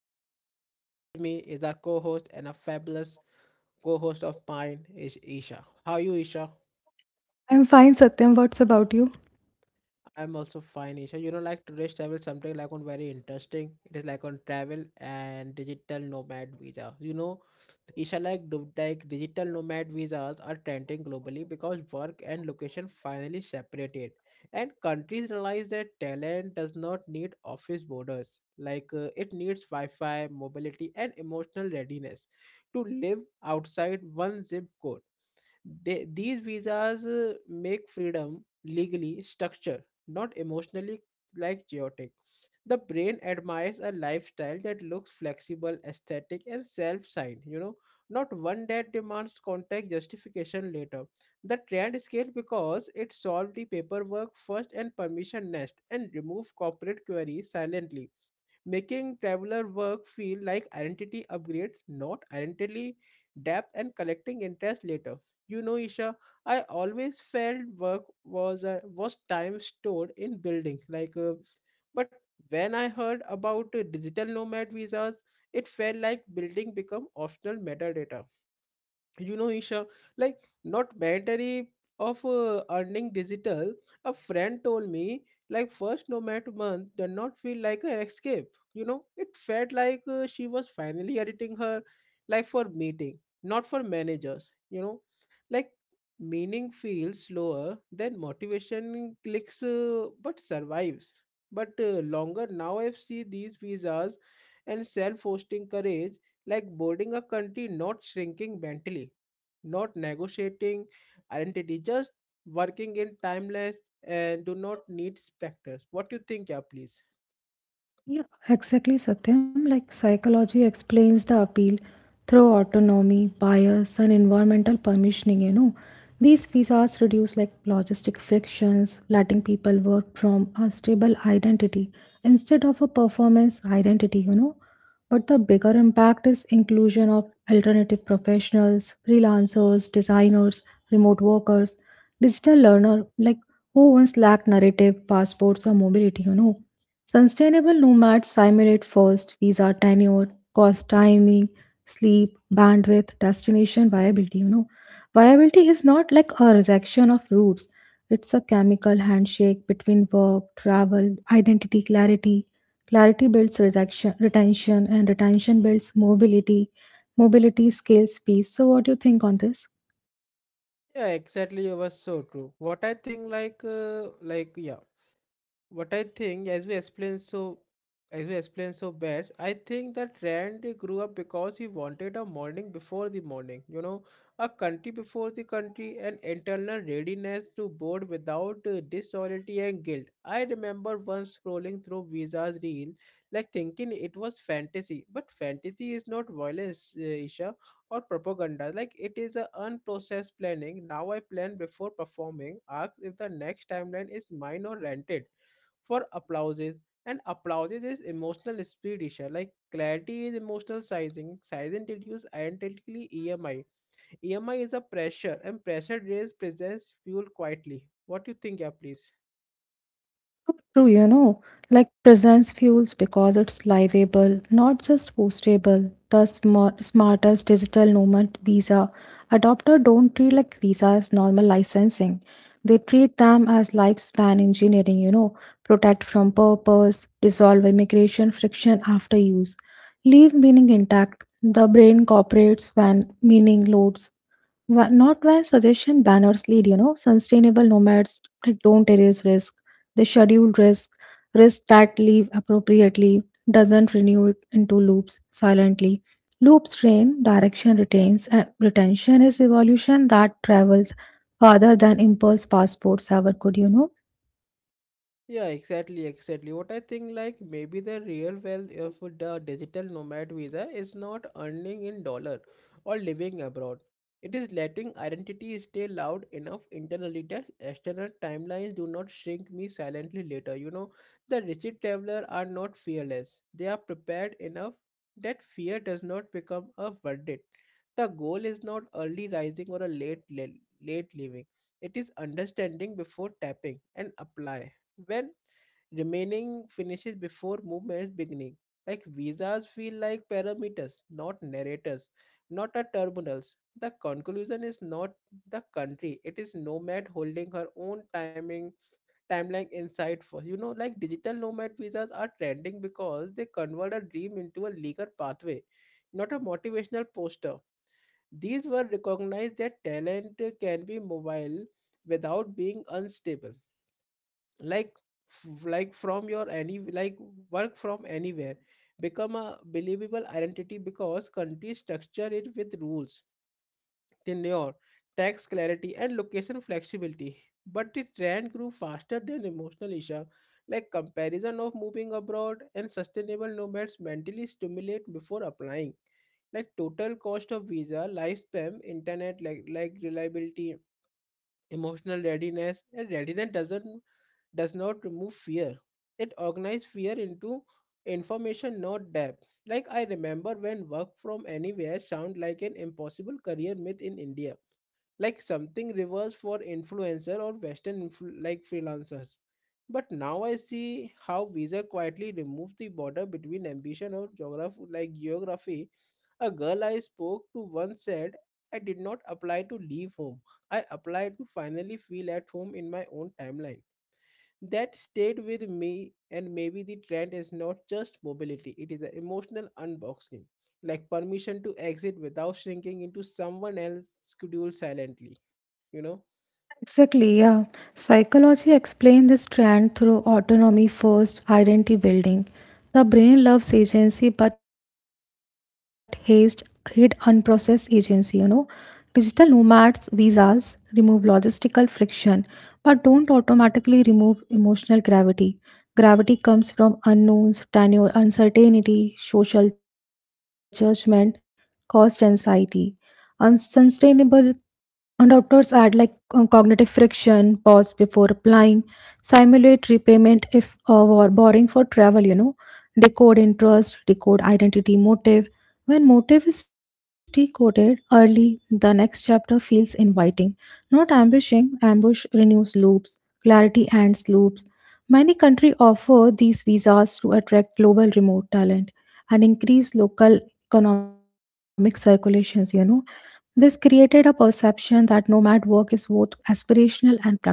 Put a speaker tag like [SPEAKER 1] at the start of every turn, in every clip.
[SPEAKER 1] host Satyam, and with me is our co-host and a fabulous co-host of mine is Isha. How are you, Isha?
[SPEAKER 2] I'm fine, Satyam. What's about you?
[SPEAKER 1] I'm also fine, Isha. You know, like today's travel something like on very interesting. It is like on travel and digital nomad visa. You know, Isha-like do- like digital nomad visas are trending globally because work and location finally separated, and countries realize that talent does not need office borders. Like it needs Wi-Fi, mobility, and emotional readiness to live outside one zip code. These visas make freedom legally structured, not emotionally like chaotic. The brain admires a lifestyle that looks flexible, aesthetic, and self-signed, you know, not one that demands contact justification later. The trend scaled because it solved the paperwork first and permission next and removed corporate queries silently, making traveler work feel like identity upgrades, not identity depth and collecting interest later. You know, Isha, I always felt work was time stored in buildings, like. But when I heard about digital nomad visas, it felt like building become optional metadata, you know, Isha, like not mandatory of earning digital. A friend told me like first nomad month did not feel like an escape. You know, it felt like she was finally editing her life for meeting, not for managers, you know, like meaning feels slower than motivation clicks, but survives but longer. Now I see these visas and self-hosting courage like boarding a country, not shrinking mentally, not negotiating identity, just working in timeless and do not need specters. What do you think, yeah, please?
[SPEAKER 2] Yeah, exactly, Satyam. Like psychology explains the appeal through autonomy, bias, and environmental permissioning. These visas reduce like logistic frictions, letting people work from a stable identity instead of a performance identity. But the bigger impact is inclusion of alternative professionals, freelancers, designers, remote workers, digital learner, like who once lacked narrative, passports, or mobility. Sustainable nomads simulate first visa tenure, cost timing, sleep, bandwidth, destination viability. Viability is not like a rejection of routes, it's a chemical handshake between work, travel, identity, clarity. Clarity builds rejection, retention, and retention builds mobility. Mobility scales peace. So, what do you think on this?
[SPEAKER 1] Yeah, exactly. You was so true. What I think, What I think, as we explained so best, I think that Rand grew up because he wanted a morning before the morning, you know, a country before the country, an internal readiness to board without disloyalty and guilt. I remember once scrolling through Visa's reel, like thinking it was fantasy, but fantasy is not violence, Isha, or propaganda. Like it is a unprocessed planning. Now I plan before performing. Ask if the next timeline is mine or rented for applauses, and applauses is emotional speed issue, like clarity is emotional sizing size introduce identically EMI. EMI is a pressure and pressure drains presents fuel quietly. What do you think, yeah, please?
[SPEAKER 2] True, like presence fuels because it's livable, not just postable. The smartest digital nomad visa adopter don't treat like visa as normal licensing. They treat them as lifespan engineering, protect from purpose, resolve immigration friction after use, leave meaning intact. The brain cooperates when meaning loads. Not where suggestion banners lead, sustainable nomads like don't erase risk. They schedule risk that leave appropriately, doesn't renew it into loops silently. Loops train, direction retains, and retention is evolution that travels farther than impulse passports ever could.
[SPEAKER 1] Yeah, exactly, exactly. What I think, like maybe the real wealth of the digital nomad visa is not earning in dollar or living abroad. It is letting identity stay loud enough internally that external timelines do not shrink me silently later. You know, the rigid traveler are not fearless. They are prepared enough that fear does not become a verdict. The goal is not early rising or a late leaving. It is understanding before tapping and apply when remaining finishes before movement's beginning. Like visas feel like parameters, not narrators, not a terminals. The conclusion is not the country. It is nomad holding her own timing timeline inside for, you know, like digital nomad visas are trending because they convert a dream into a legal pathway, not a motivational poster. These were recognized that talent can be mobile without being unstable, like f- like from your any like work from anywhere become a believable identity because countries structure it with rules, tenure, tax clarity, and location flexibility. But the trend grew faster than emotional issue, like comparison of moving abroad, and sustainable nomads mentally stimulate before applying, like total cost of visa lifespan, internet like reliability. Emotional readiness, and readiness does not remove fear. It organizes fear into information, not depth. Like I remember when work from anywhere sounded like an impossible career myth in India, like something reverse for influencer or western freelancers. But now I see how visa quietly removes the border between ambition or geography. A girl I spoke to once said, I did not apply to leave home, I applied to finally feel at home in my own timeline. That stayed with me, and maybe the trend is not just mobility, it is an emotional unboxing, like permission to exit without shrinking into someone else's schedule silently, you know.
[SPEAKER 2] Exactly, yeah. Psychology explains this trend through autonomy first identity building. The brain loves agency but hates hid unprocessed agency. Digital nomads visas remove logistical friction but don't automatically remove emotional gravity. Gravity comes from unknowns, tenure, uncertainty, social judgment, cost anxiety. Unsustainable and doctors add like cognitive friction, pause before applying, simulate repayment if or borrowing for travel, decode interest, decode identity, motive. When motive is decoded early, the next chapter feels inviting. Not ambushing, ambush renews loops, clarity ends loops. Many countries offer these visas to attract global remote talent and increase local economic circulations. This created a perception that nomad work is both aspirational and practical,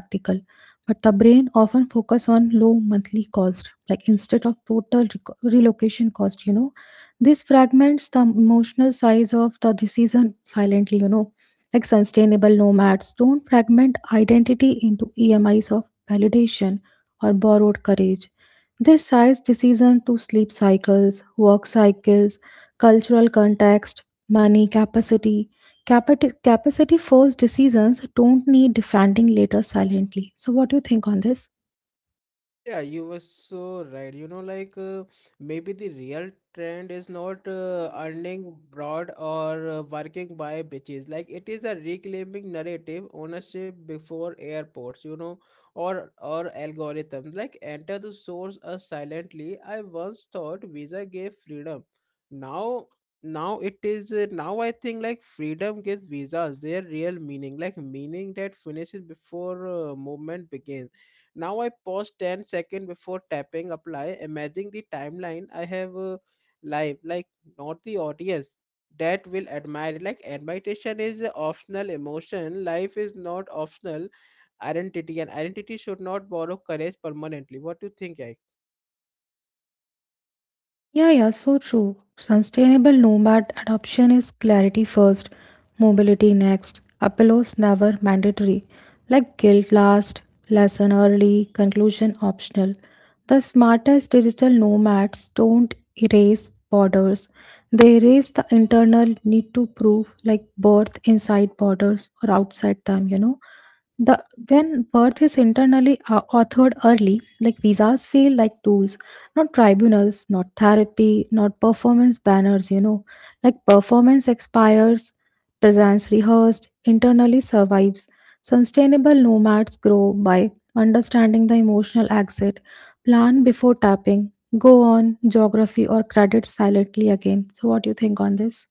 [SPEAKER 2] but the brain often focus on low monthly cost, like instead of total relocation cost. This fragments the emotional size of the decision silently. Like sustainable nomads don't fragment identity into EMIs of validation or borrowed courage. This size decision to sleep cycles, work cycles, cultural context, money capacity capacity first decisions don't need defending later silently. So what do you think on this?
[SPEAKER 1] Yeah, you were so right, you know, like maybe the real trend is not earning broad or working by bitches, like it is a reclaiming narrative ownership before airports, you know, or algorithms like enter the source us silently. I once thought visa gave freedom. Now now it is uh, now I think like freedom gives visas their real meaning, like meaning that finishes before movement begins. Now I pause 10 seconds before tapping apply, imagining the timeline I have live, like not the audience that will admire it. Like admiration is a optional emotion. Life is not optional identity, and identity should not borrow courage permanently. What do you think, I?
[SPEAKER 2] Yeah, yeah, so true. Sustainable nomad adoption is clarity first, mobility next, appeals never mandatory, like guilt last, lesson early, conclusion optional. The smartest digital nomads don't erase borders, they erase the internal need to prove, like birth inside borders or outside them. The when birth is internally authored early, like visas feel like tools, not tribunals, not therapy, not performance banners. Like performance expires, presence rehearsed, internally survives. Sustainable nomads grow by understanding the emotional exit, plan before tapping, go on geography or credit silently again. So what do you think on this?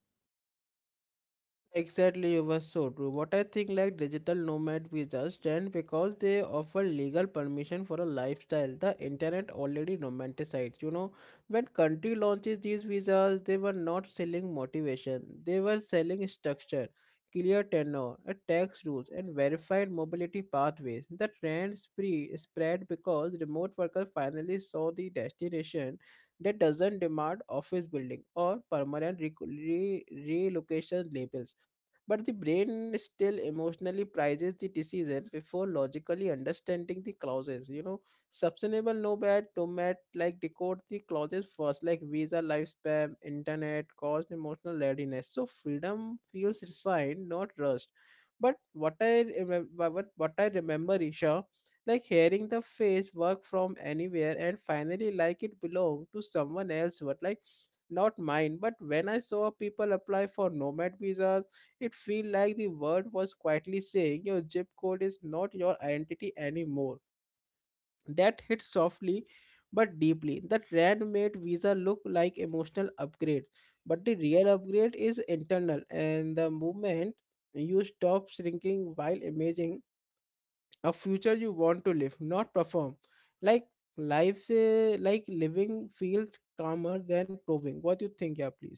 [SPEAKER 1] Exactly, you were so true. What I think like digital nomad visas stand because they offer legal permission for a lifestyle the internet already romanticized. You know, when country launches these visas, they were not selling motivation. They were selling structure, clear tenure, a tax rules, and verified mobility pathways. The trend spree spread because remote workers finally saw the destination that doesn't demand office building or permanent relocation labels. But the brain still emotionally prices the decision before logically understanding the clauses. You know, sustainable nomad like decode the clauses first, like visa, lifespan, internet, cost, emotional readiness. So freedom feels resigned, not rushed. But what I remember, Isha, like hearing the phrase work from anywhere and finally like it belonged to someone else, but like not mine. But when I saw people apply for nomad visas, it feel like the world was quietly saying your zip code is not your identity anymore. That hit softly but deeply. That rand made Visa look like emotional upgrade, but the real upgrade is internal. And the moment you stop shrinking while imagining a future you want to live, not perform. Like living feels calmer than proving. What do you think, yeah, please?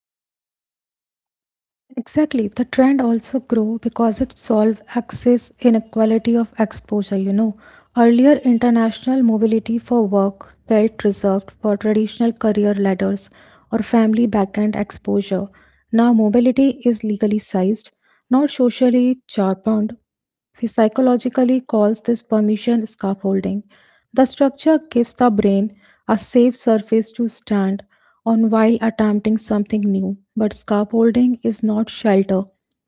[SPEAKER 2] Exactly. The trend also grow because it solve access inequality of exposure. Earlier international mobility for work felt reserved for traditional career ladders or family backend exposure. Now mobility is legally sized, not socially charmed. We psychologically calls this permission scaffolding. The structure gives the brain a safe surface to stand on while attempting something new. But scaffolding is not shelter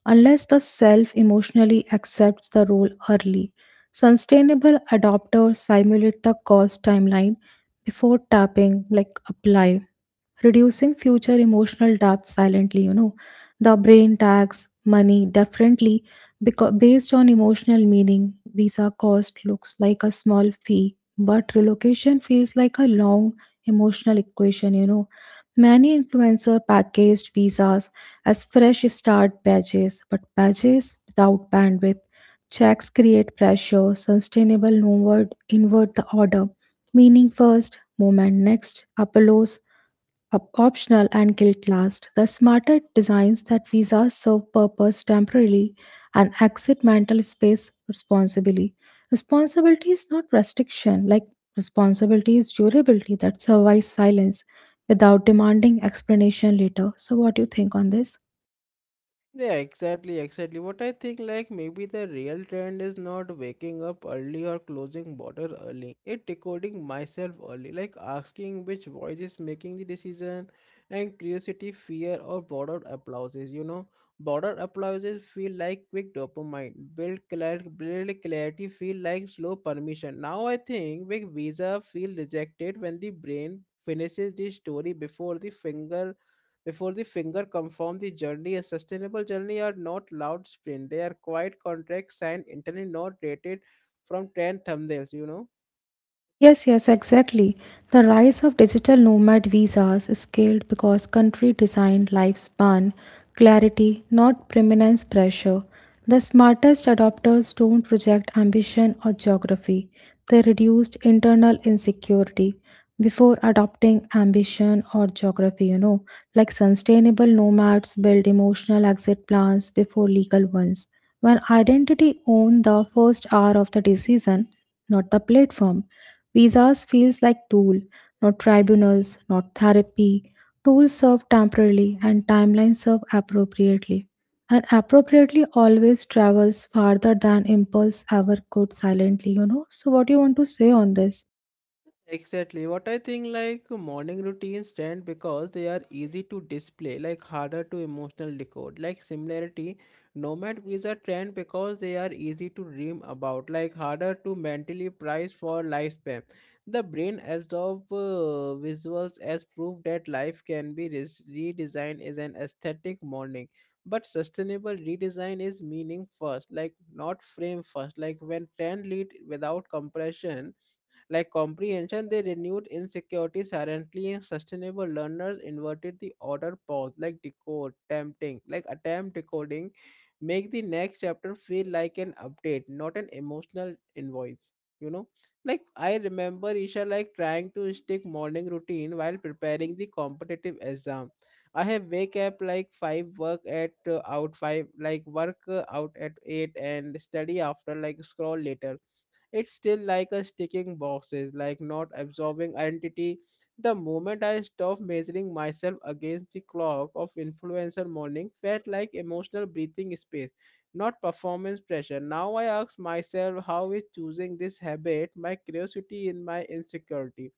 [SPEAKER 2] unless the self emotionally accepts the role early. Sustainable adopters simulate the cost timeline before tapping like apply reducing future emotional debt silently. The brain tags money differently because based on emotional meaning visa cost looks like a small fee, but relocation feels like a long emotional equation. Many influencer packaged visas as fresh start badges, but badges without bandwidth checks create pressure sustainable inward the order meaning first moment next apollos optional, and guilt last. The smarter designs that visas serve purpose temporarily and exit mental space responsibly. Responsibility is not restriction, like responsibility is durability that survives silence without demanding explanation later. So what do you think on this?
[SPEAKER 1] Yeah, exactly, exactly. What I think, like, maybe the real trend is not waking up early or closing border early. It decoding myself early, like asking which voice is making the decision, and curiosity, fear, or border applauses. You know, border applauses feel like quick dopamine, build clarity, feel like slow permission. Now I think big visa feel rejected when the brain finishes the story before the finger come from the journey. A sustainable journey are not loud sprint. They are quiet contracts and internally not rated from 10 thumbnails, you know.
[SPEAKER 2] Yes, yes, exactly. The rise of digital nomad visas scaled because country designed lifespan, clarity, not permanence pressure. The smartest adopters don't project ambition or geography. They reduced internal insecurity before adopting ambition or geography. Like sustainable nomads build emotional exit plans before legal ones. When identity owned the first hour of the decision, not the platform. Visas feels like tool, not tribunals, not therapy. Tools serve temporarily and timelines serve appropriately. And appropriately always travels farther than impulse ever could silently. So what do you want to say on this?
[SPEAKER 1] Exactly. What I think like morning routines stand because they are easy to display, like harder to emotional decode. Like similarity, nomad is a trend because they are easy to dream about, like harder to mentally price for lifespan. The brain absorbs visuals as proof that life can be redesigned as an aesthetic morning. But sustainable redesign is meaning first, like not frame first. Like when trend lead without compression like comprehension, they renewed insecurity silently, and sustainable learners inverted the order pause, like attempt decoding, make the next chapter feel like an update, not an emotional invoice. You know, like I remember, Isha, like trying to stick morning routine while preparing the competitive exam. I have wake up like 5, work at out five, like work out at 8, and study after like scroll later. It's still like a sticking boxes, like not absorbing identity. The moment I stopped measuring myself against the clock of influencer, morning felt like emotional breathing space, not performance pressure. Now I ask myself, how is choosing this habit my curiosity in my insecurity,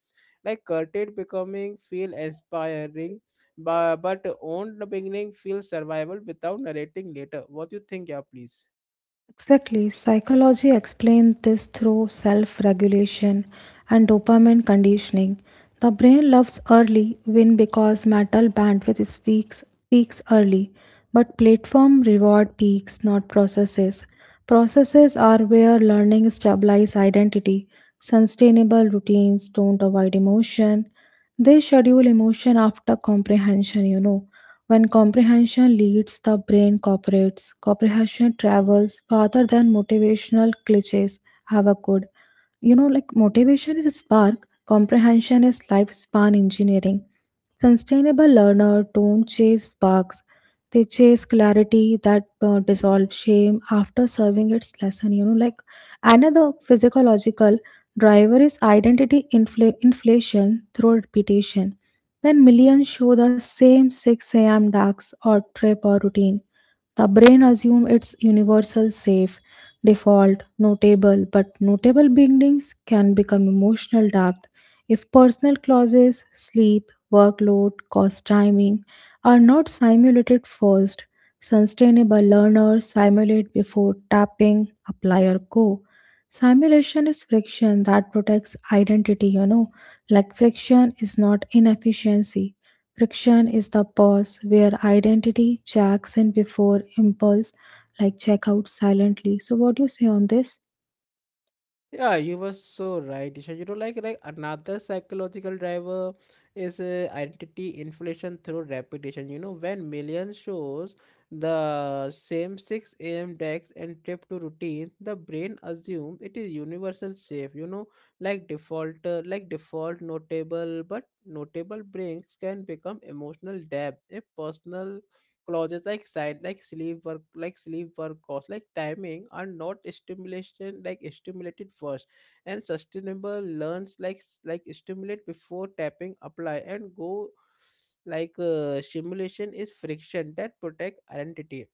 [SPEAKER 1] like curtailed becoming feel inspiring, but own the beginning feel survival without narrating later. What do you think, yeah, please?
[SPEAKER 2] Exactly. Psychology explains this through self regulation and dopamine conditioning. The brain loves early win because metal bandwidth speaks peaks early, but platform reward peaks, not processes. Processes are where learning stabilizes identity. Sustainable routines don't avoid emotion. They schedule emotion after comprehension. When comprehension leads, the brain cooperates. Comprehension travels farther than motivational cliches have a good. Like motivation is a spark, comprehension is lifespan engineering. Sustainable learner don't chase sparks. They chase clarity that dissolves shame after serving its lesson. Like another physiological driver is identity inflation through repetition. When millions show the same 6 a.m. ducks or trip or routine, the brain assumes it's universal safe, default, notable, but notable beginnings can become emotional depth if personal clauses, sleep, workload, cost timing are not simulated first. Sustainable learners simulate before tapping, apply, or go. Simulation is friction that protects identity. Like friction is not inefficiency. Friction is the pause where identity checks in before impulse, like check out silently. So, what do you say on this?
[SPEAKER 1] Yeah, you were so right, Disha. You know, like another psychological driver is identity inflation through repetition. You know, when millions shows the same 6 a.m. decks and trip to routine, the brain assumes it is universal safe. You know, like default notable, but notable breaks can become emotional depth if personal clauses like side, like sleep work cost, like timing are not stimulation like stimulated first, and sustainable learns like stimulate before tapping apply and go. Like simulation is friction that protect identity.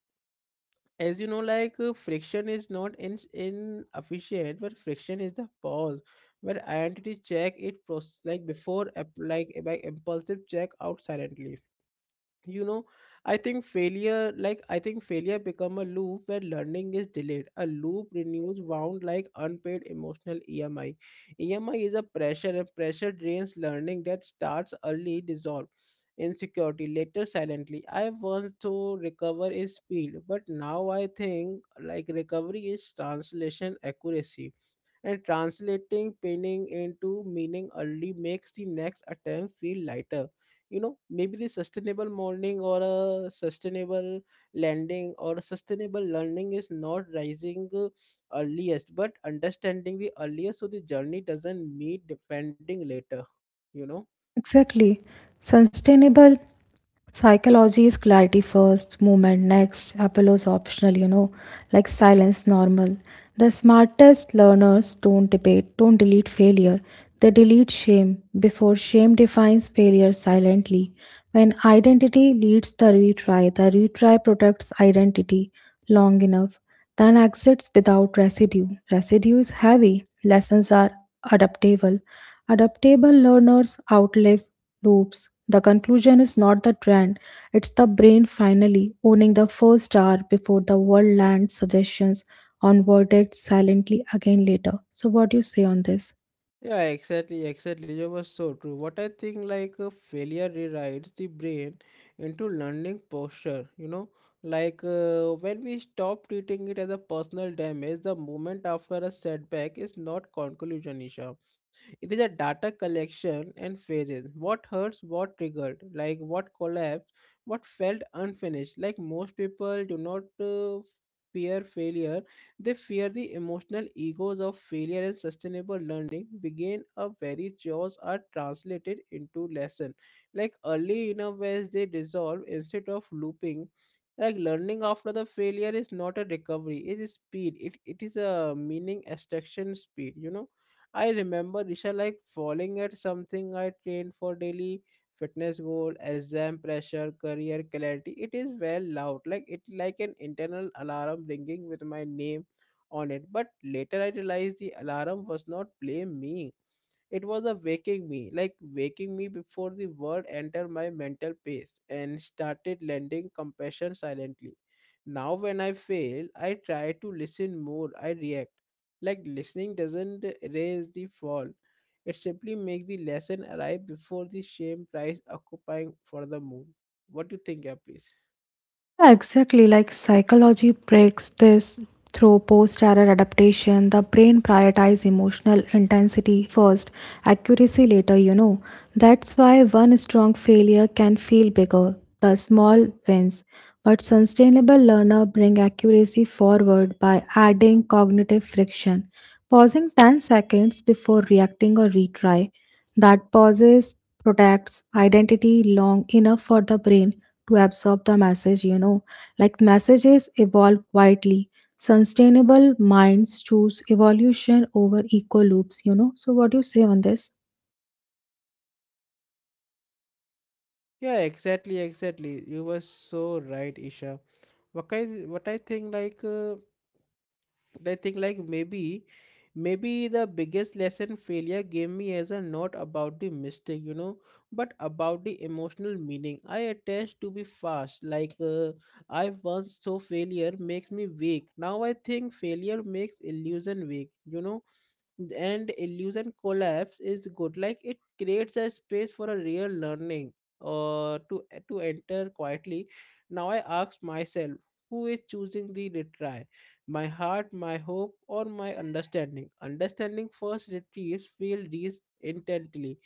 [SPEAKER 1] As you know, like friction is not in inefficient, but friction is the pause where identity check it before by impulsive check out silently. You know, I think failure become a loop where learning is delayed. A loop renews wound like unpaid emotional EMI. EMI is a pressure, and pressure drains learning that starts early dissolve insecurity later silently. I want to recover is speed, but now I think like recovery is translation accuracy, and translating painting into meaning early makes the next attempt feel lighter. You know, maybe the sustainable morning or a sustainable landing or a sustainable learning is not rising earliest, but understanding the earliest, so the journey doesn't meet depending later. You know,
[SPEAKER 2] Exactly. Sustainable psychology is clarity first, movement next, Apollo's optional, like silence normal. The smartest learners don't debate, don't delete failure. They delete shame before shame defines failure silently. When identity leads the retry protects identity long enough, then exits without residue. Residue is heavy, lessons are adaptable. Adaptable learners outlive loops. The conclusion is not the trend, it's the brain finally owning the first hour before the world lands suggestions on verdicts silently again later. So, what do you say on this?
[SPEAKER 1] yeah, exactly, exactly. That was so true. What I think, like failure rewrites the brain into learning posture. You know, like when we stop treating it as a personal damage, the moment after a setback is not conclusion, Isha. It is a data collection and phases. What hurts, what triggered, like what collapsed, what felt unfinished. Like most people do not fear failure, they fear the emotional egos of failure, and sustainable learning begin a very chores are translated into lesson. Like early enough as they dissolve instead of looping. Like learning after the failure is not a recovery, it is speed. It is a meaning extraction speed, you know. I remember Risha like falling at something I trained for daily fitness goal, exam pressure, career clarity. It is well loud, like it's like an internal alarm ringing with my name on it, but later I realized the alarm was not blame me. It was a waking me, like waking me before the word entered my mental pace and started lending compassion silently. Now, when I fail, I try to listen more, I react. Like listening doesn't erase the fall, it simply makes the lesson arrive before the shame tries occupying for the moon. What do you think, yeah, please?
[SPEAKER 2] Yeah, exactly. Like psychology breaks this through post error adaptation. The brain prioritizes emotional intensity first, accuracy later. That's why one strong failure can feel bigger, the small wins. But sustainable learner bring accuracy forward by adding cognitive friction, pausing 10 seconds before reacting or retry that pauses protects identity long enough for the brain to absorb the message. Like messages evolve quietly, sustainable minds choose evolution over eco loops. So what do you say on this?
[SPEAKER 1] Yeah, exactly, exactly. You were so right, Isha. What I think like and I think like maybe the biggest lesson failure gave me is a not about the mistake, you know, but about the emotional meaning. I attached to be fast. Like I once saw failure makes me weak. Now I think failure makes illusion weak, you know, and illusion collapse is good, like it creates a space for a real learning or to enter quietly. Now I ask myself, who is choosing the retry, my heart, my hope, or my understanding? Understanding first retrieves, feel these intently.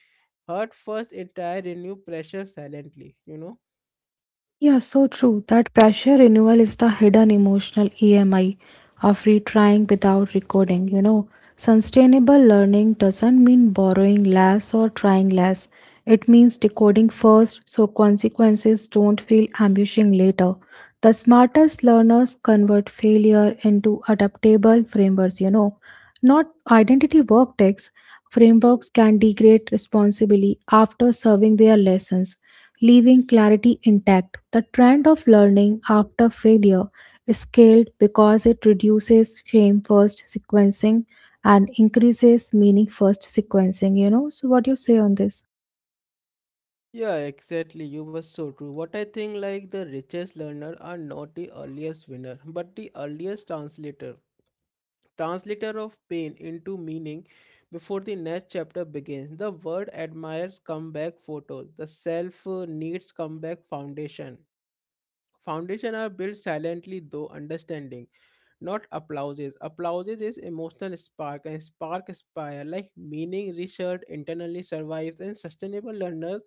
[SPEAKER 1] Heart first entire renew pressure silently, you know?
[SPEAKER 2] Yeah, so true. That pressure renewal is the hidden emotional EMI of retrying without recording. Sustainable learning doesn't mean borrowing less or trying less. It means decoding first so consequences don't feel ambushing later. The smartest learners convert failure into adaptable frameworks. Not identity work texts. Frameworks can degrade responsibly after serving their lessons, leaving clarity intact. The trend of learning after failure is scaled because it reduces shame first sequencing and increases meaning first sequencing. So what do you say on this?
[SPEAKER 1] Yeah, exactly. You were so true. What I think, like the richest learner are not the earliest winner, but the earliest translator. Translator of pain into meaning before the next chapter begins. The word admires comeback photos. The self needs comeback foundation. Foundation are built silently though understanding, not applauses. Applauses is emotional spark and spark aspire like meaning research internally survives, and sustainable learners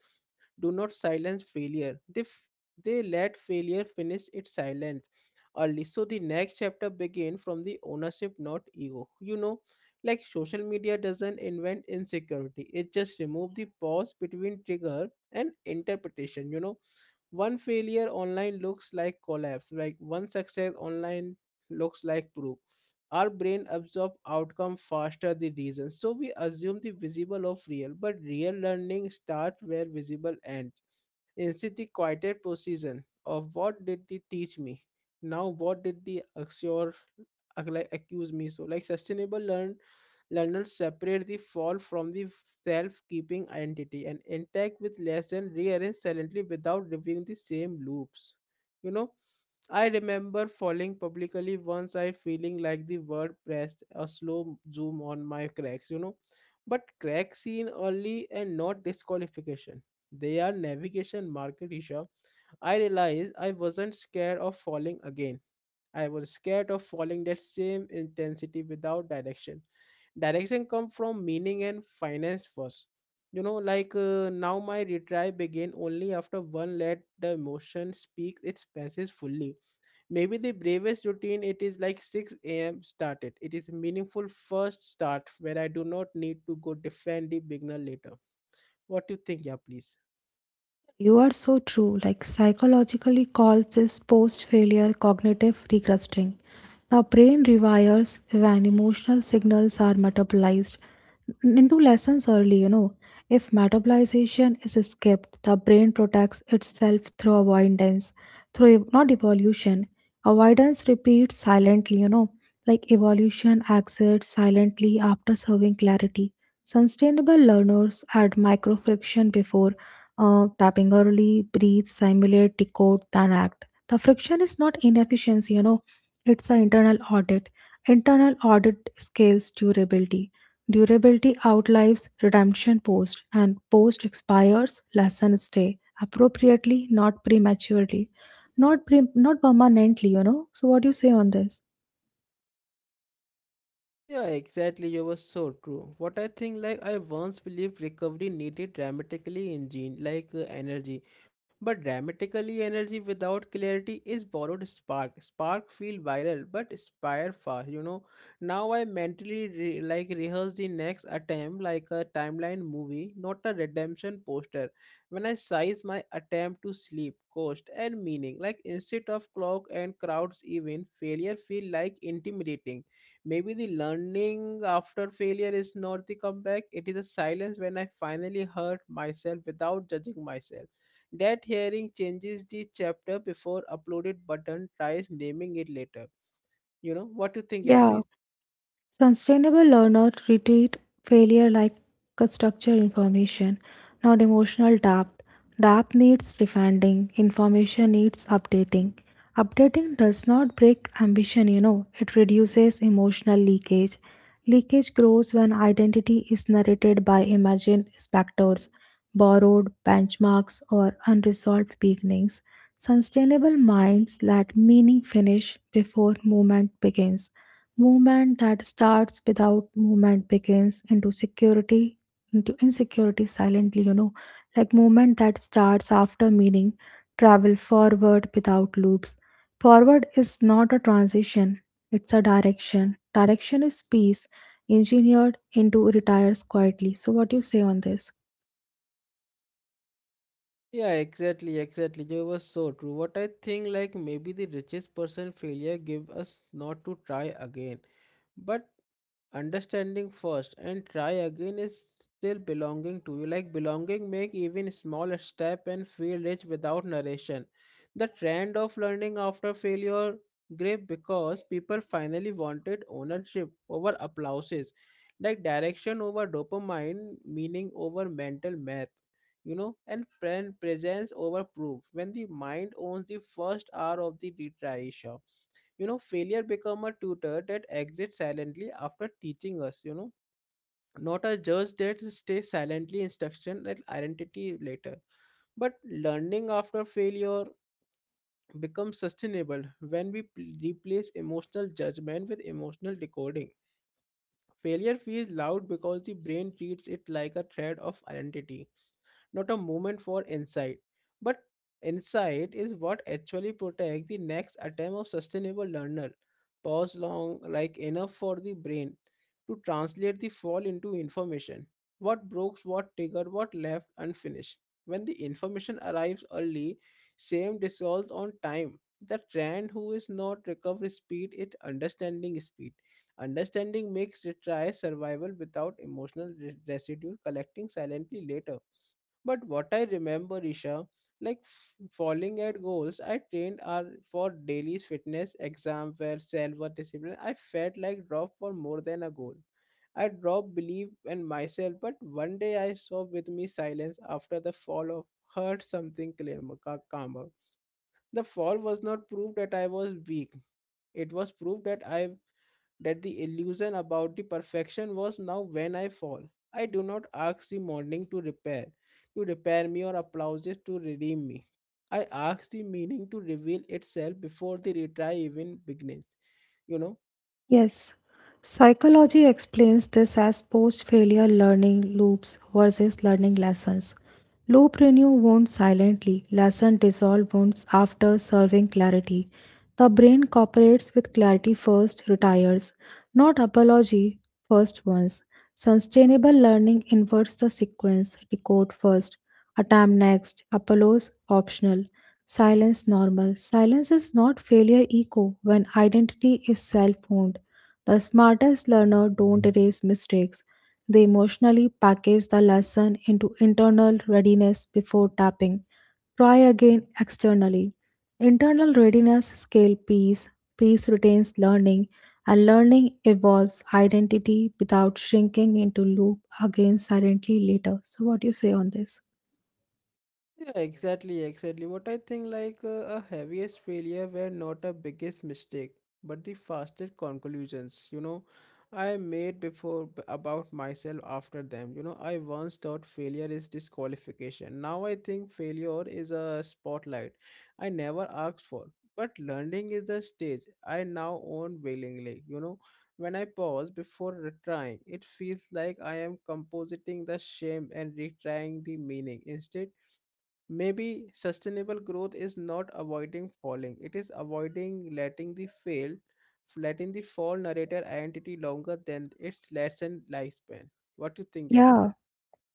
[SPEAKER 1] do not silence failure. They let failure finish its silence early. So the next chapter begin from the ownership, not ego. You know, like social media doesn't invent insecurity. It just remove the pause between trigger and interpretation. You know, one failure online looks like collapse, like one success online looks like proof. Our brain absorb outcome faster the reason, so we assume the visible of real, but real learning start where visible ends instead the quieter precision of what did they teach me now, what did they assure? Accuse me. So like sustainable learners separate the fall from the self-keeping identity and intact with lesson rearrange silently without reviewing the same loops, you know. I remember falling publicly once, I feeling like the word pressed a slow zoom on my cracks, you know. But cracks seen early and not disqualification. They are navigation market issue. I realized I wasn't scared of falling again. I was scared of following that same intensity without direction. Direction come from meaning and finance first. You know, like now my retry began only after one let the emotion speak its passes fully. Maybe the bravest routine it is like 6 a.m. started. It is meaningful first start where I do not need to go defend the beginner later. What do you think, yeah, please?
[SPEAKER 2] You are so true. Like psychologically calls this post-failure cognitive regressing. The brain rewires when emotional signals are metabolized into lessons early. If metabolization is skipped, the brain protects itself through avoidance, through not evolution. Avoidance repeats silently, like evolution exits silently after serving clarity. Sustainable learners add microfriction before tapping early, breathe, simulate, decode, then act. The friction is not inefficiency, it's an internal audit. Internal audit scales durability. Durability outlives redemption post, and post expires, lesson stay appropriately, not prematurely, not permanently. So, what do you say on this?
[SPEAKER 1] Yeah, exactly. You were so true. What I think, like I once believed recovery needed dramatically engine, like energy, but dramatically energy without clarity is borrowed spark. Spark feel viral, but spire fast. You know. Now I mentally rehearse the next attempt, like a timeline movie, not a redemption poster. When I size my attempt to sleep, cost and meaning, like instead of clock and crowds, even failure feel like intimidating. Maybe the learning after failure is not the comeback, it is a silence when I finally hurt myself without judging myself. That hearing changes the chapter before uploaded button tries naming it later. You know, what you think, yeah,
[SPEAKER 2] Yeah.
[SPEAKER 1] please?
[SPEAKER 2] Sustainable learners treat failure like a structured information, not emotional depth. Depth needs defending, information needs updating. Updating does not break ambition, it reduces emotional leakage. Leakage grows when identity is narrated by imagined specters, borrowed benchmarks, or unresolved beginnings. Sustainable minds let meaning finish before movement begins. Movement that starts without movement begins into security, into insecurity silently. Like movement that starts after meaning, travel forward without loops. Forward is not a transition, it's a direction. Direction is peace, engineered into retires quietly. So, what do you say on this?
[SPEAKER 1] Yeah, exactly, exactly. You were so true. What I think, like maybe the richest person failure give us not to try again, but understanding first and try again is still belonging to you, like belonging make even small step and feel rich without narration. The trend of learning after failure great because people finally wanted ownership over applauses, like direction over dopamine, meaning over mental math, you know, and presence over proof. When the mind owns the first hour of the retry show, you know, failure become a tutor that exits silently after teaching us, you know, not a judge that stays silently instruction that identity later, but learning after failure becomes sustainable when we replace emotional judgment with emotional decoding. Failure feels loud because the brain treats it like a thread of identity, not a moment for insight. But insight is what actually protects the next attempt of sustainable learner. Pause long, like enough for the brain to translate the fall into information. What broke, what triggered, what left unfinished. When the information arrives early, same dissolves on time. The trend who is not recovery speed, it understanding speed. Understanding makes retrial survival without emotional residue collecting silently later. But what I remember, Isha, like falling at goals, I trained are for daily fitness exam where self was discipline. I felt like drop for more than a goal. I dropped belief in myself, but one day I saw with me silence after the fall of hurt something calmer. Calmer. The fall was not proof that I was weak, it was proved that I, that the illusion about the perfection was now when I fall. I do not ask the morning to repair me or applauses to redeem me. I ask the meaning to reveal itself before the retry even begins. You know,
[SPEAKER 2] Yes, psychology explains this as post failure learning loops versus learning lessons. Loop renew wounds silently, lesson dissolve wounds after serving clarity. The brain cooperates with clarity first, retires, not apology first once. Sustainable learning inverts the sequence, decode first, attempt next, apologise optional. Silence normal. Silence is not failure echo when identity is self owned. The smartest learner don't erase mistakes. They emotionally package the lesson into internal readiness before tapping. Try again externally. Internal readiness scale peace, peace retains learning, and learning evolves identity without shrinking into loop again silently later. So what do you say on this?
[SPEAKER 1] yeah, exactly, exactly. What I think like a heaviest failure were not a biggest mistake, but the fastest conclusions, you know, I made before about myself after them. You know, I once thought failure is disqualification. Now I think failure is a spotlight I never asked for. But learning is the stage I now own willingly. You know, when I pause before retrying, it feels like I am compositing the shame and retrying the meaning. Instead, maybe sustainable growth is not avoiding falling. It is avoiding letting the fail, letting the fall narrator identity longer than its lessened lifespan. What do you think, yeah, please?
[SPEAKER 2] Yeah.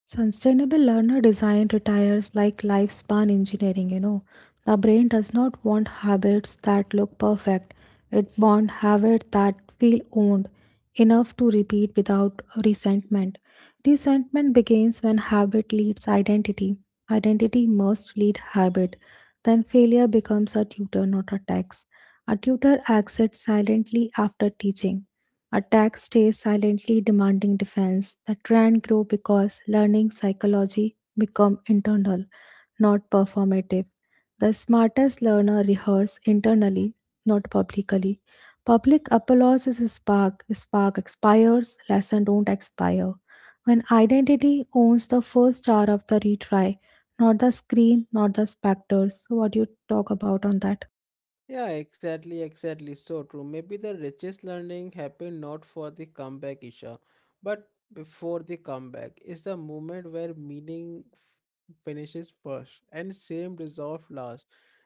[SPEAKER 2] Sustainable learner design retires like lifespan engineering. The brain does not want habits that look perfect. It wants habits that feel owned, enough to repeat without resentment. Resentment begins when habit leads identity. Identity must lead habit. Then failure becomes a tutor, not a tax. A tutor exits silently after teaching. Attack stays silently demanding defense. The trend grew because learning psychology become internal, not performative. The smartest learner rehearse internally, not publicly. Public applause is a spark. Spark expires, lesson don't expire. When identity owns the first star of the retry, not the screen, not the specters. So what do you talk about on that?
[SPEAKER 1] Yeah, exactly, exactly. So true. Maybe the richest learning happened not for the comeback, Isha, but before the comeback. It's the moment where meaning finishes first and same resolve last.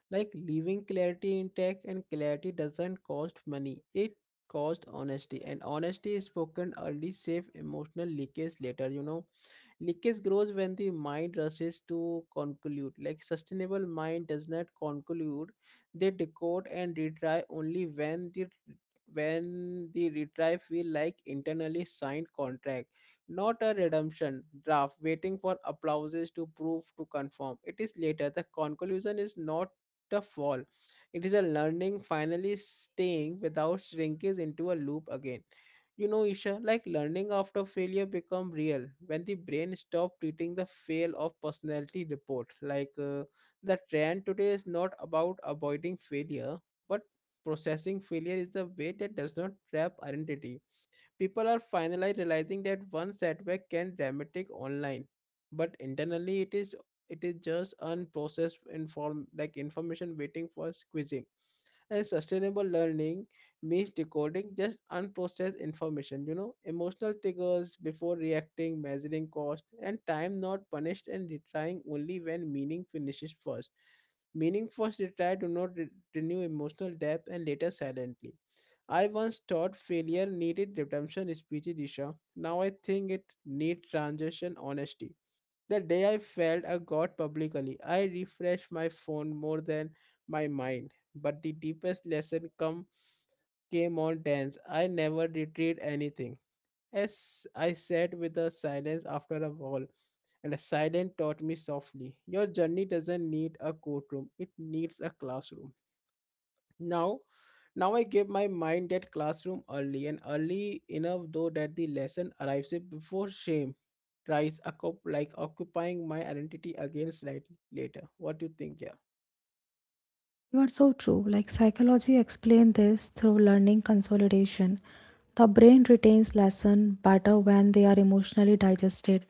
[SPEAKER 1] Like leaving clarity intact, and clarity doesn't cost money, it costs honesty. And honesty is spoken early, save emotional leakage later, you know. Leakage grows when the mind rushes to conclude. Like sustainable mind does not conclude; they decode and retry only when the retry feel like internally signed contract, not a redemption draft waiting for applauses to prove to conform. It is later. The conclusion is not the fall. It is a learning finally staying without shrinkage into a loop again. You know, Isha, like learning after failure become real when the brain stop treating the fail of personality report. Like the trend today is not about avoiding failure, but processing failure is a way that does not trap identity. People are finally realizing that one setback can dramatic online, but internally it is, it is just unprocessed inform like information waiting for squeezing. And sustainable learning means decoding just unprocessed information, you know, emotional triggers before reacting, measuring cost, and time not punished, and retrying only when meaning finishes first. Meaning first retry do not renew emotional depth and later silently. I once thought failure needed redemption speeches, Disha. Now I think it needs transition honesty. The day I failed I got publicly, I refreshed my phone more than my mind. But the deepest lesson come came on dance. I never retrieved anything. As I sat with the silence after a wall, and the silence taught me softly, your journey doesn't need a courtroom, it needs a classroom. Now, I gave my mind that classroom early and early enough though that the lesson arrives before shame tries occupying my identity again slightly later. What do you think? Yeah,
[SPEAKER 2] You are so true. Like psychology explained this through learning consolidation. The brain retains lesson better when they are emotionally digested,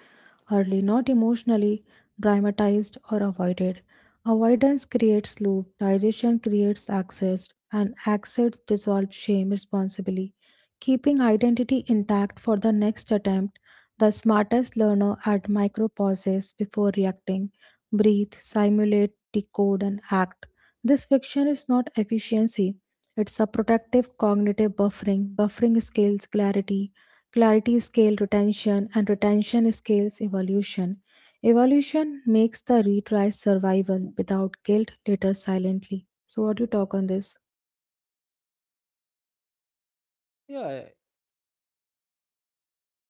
[SPEAKER 2] early not emotionally dramatized or avoided. Avoidance creates loop, digestion creates access, and access dissolves shame responsibly, keeping identity intact for the next attempt. The smartest learner at micro pauses before reacting, breathe, simulate, decode, and act. This friction is not efficiency, it's a protective cognitive buffering. Buffering scales clarity, clarity scales retention, and retention scales evolution. Evolution makes the retry survival without guilt later silently. So, what do you talk on this?
[SPEAKER 1] yeah.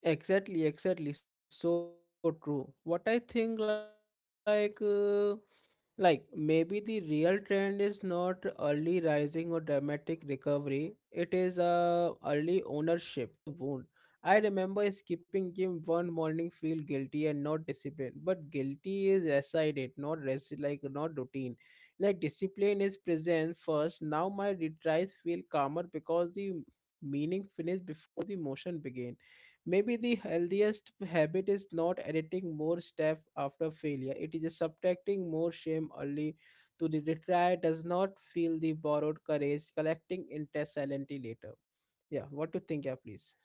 [SPEAKER 1] Exactly, exactly. So true. What I think, like maybe the real trend is not early rising or dramatic recovery. It is early ownership, and yeah, ownership for the lesson, not ownership for the wound. I remember skipping gym one morning, feel guilty and not disciplined. But guilty is aside it, not rest, like not routine. Like discipline is present first. Now my retries feel calmer because the meaning finish before the motion begin. Maybe the healthiest habit is not editing more step after failure. It is subtracting more shame early to the retry does not feel the borrowed courage collecting into silently later. Yeah, what do you think, yeah, please?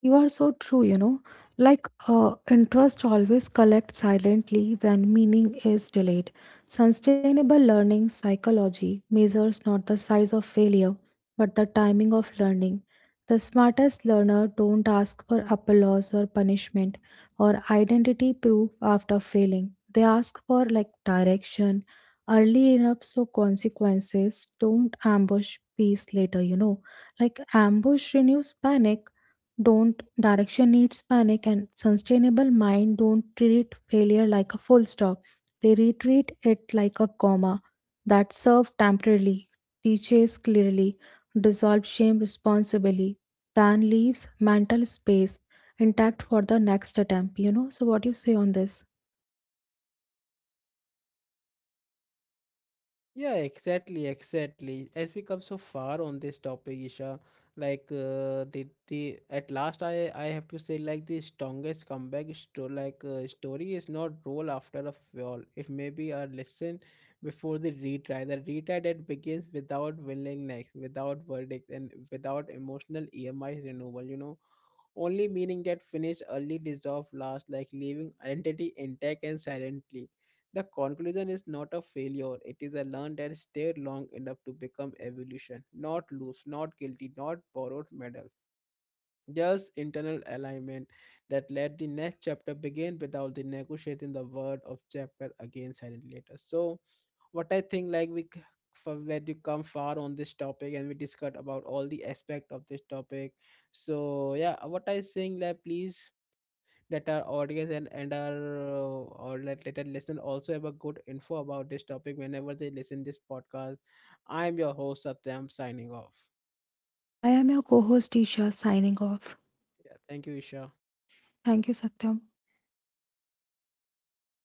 [SPEAKER 2] You are so true. Like interest always collects silently when meaning is delayed. Sustainable learning psychology measures not the size of failure, but the timing of learning. The smartest learner don't ask for applause or punishment or identity proof after failing. They ask for like direction early enough so consequences don't ambush peace later. Like ambush renews panic, don't direction needs panic, and sustainable mind don't treat failure like a full stop, they retreat it like a comma that serves temporarily, teaches clearly, dissolve shame responsibly, then leaves mental space intact for the next attempt. So what do you say on this?
[SPEAKER 1] Yeah, exactly, exactly. As we come so far on this topic, Isha, like the at last I have to say like the strongest comeback story is not roll after a fall. It may be a lesson before the retry. The retry that begins without willingness, without verdict, and without emotional EMI renewal. You know, only meaning that finish early dissolve last, like leaving identity intact and silently. The conclusion is not a failure, it is a learn that stayed long enough to become evolution, not loose, not guilty, not borrowed medal, just internal alignment that let the next chapter begin without the negotiating the word of chapter again silently later. So, what I think like we for where you come far on this topic and we discussed about all the aspect of this topic. So yeah, what I saying that please that our audience and our or let our listener also have a good info about this topic whenever they listen this podcast. I'm your host Satyam signing off.
[SPEAKER 2] I am your co-host Isha signing off.
[SPEAKER 1] Yeah, thank you, Isha.
[SPEAKER 2] Thank you, Satyam.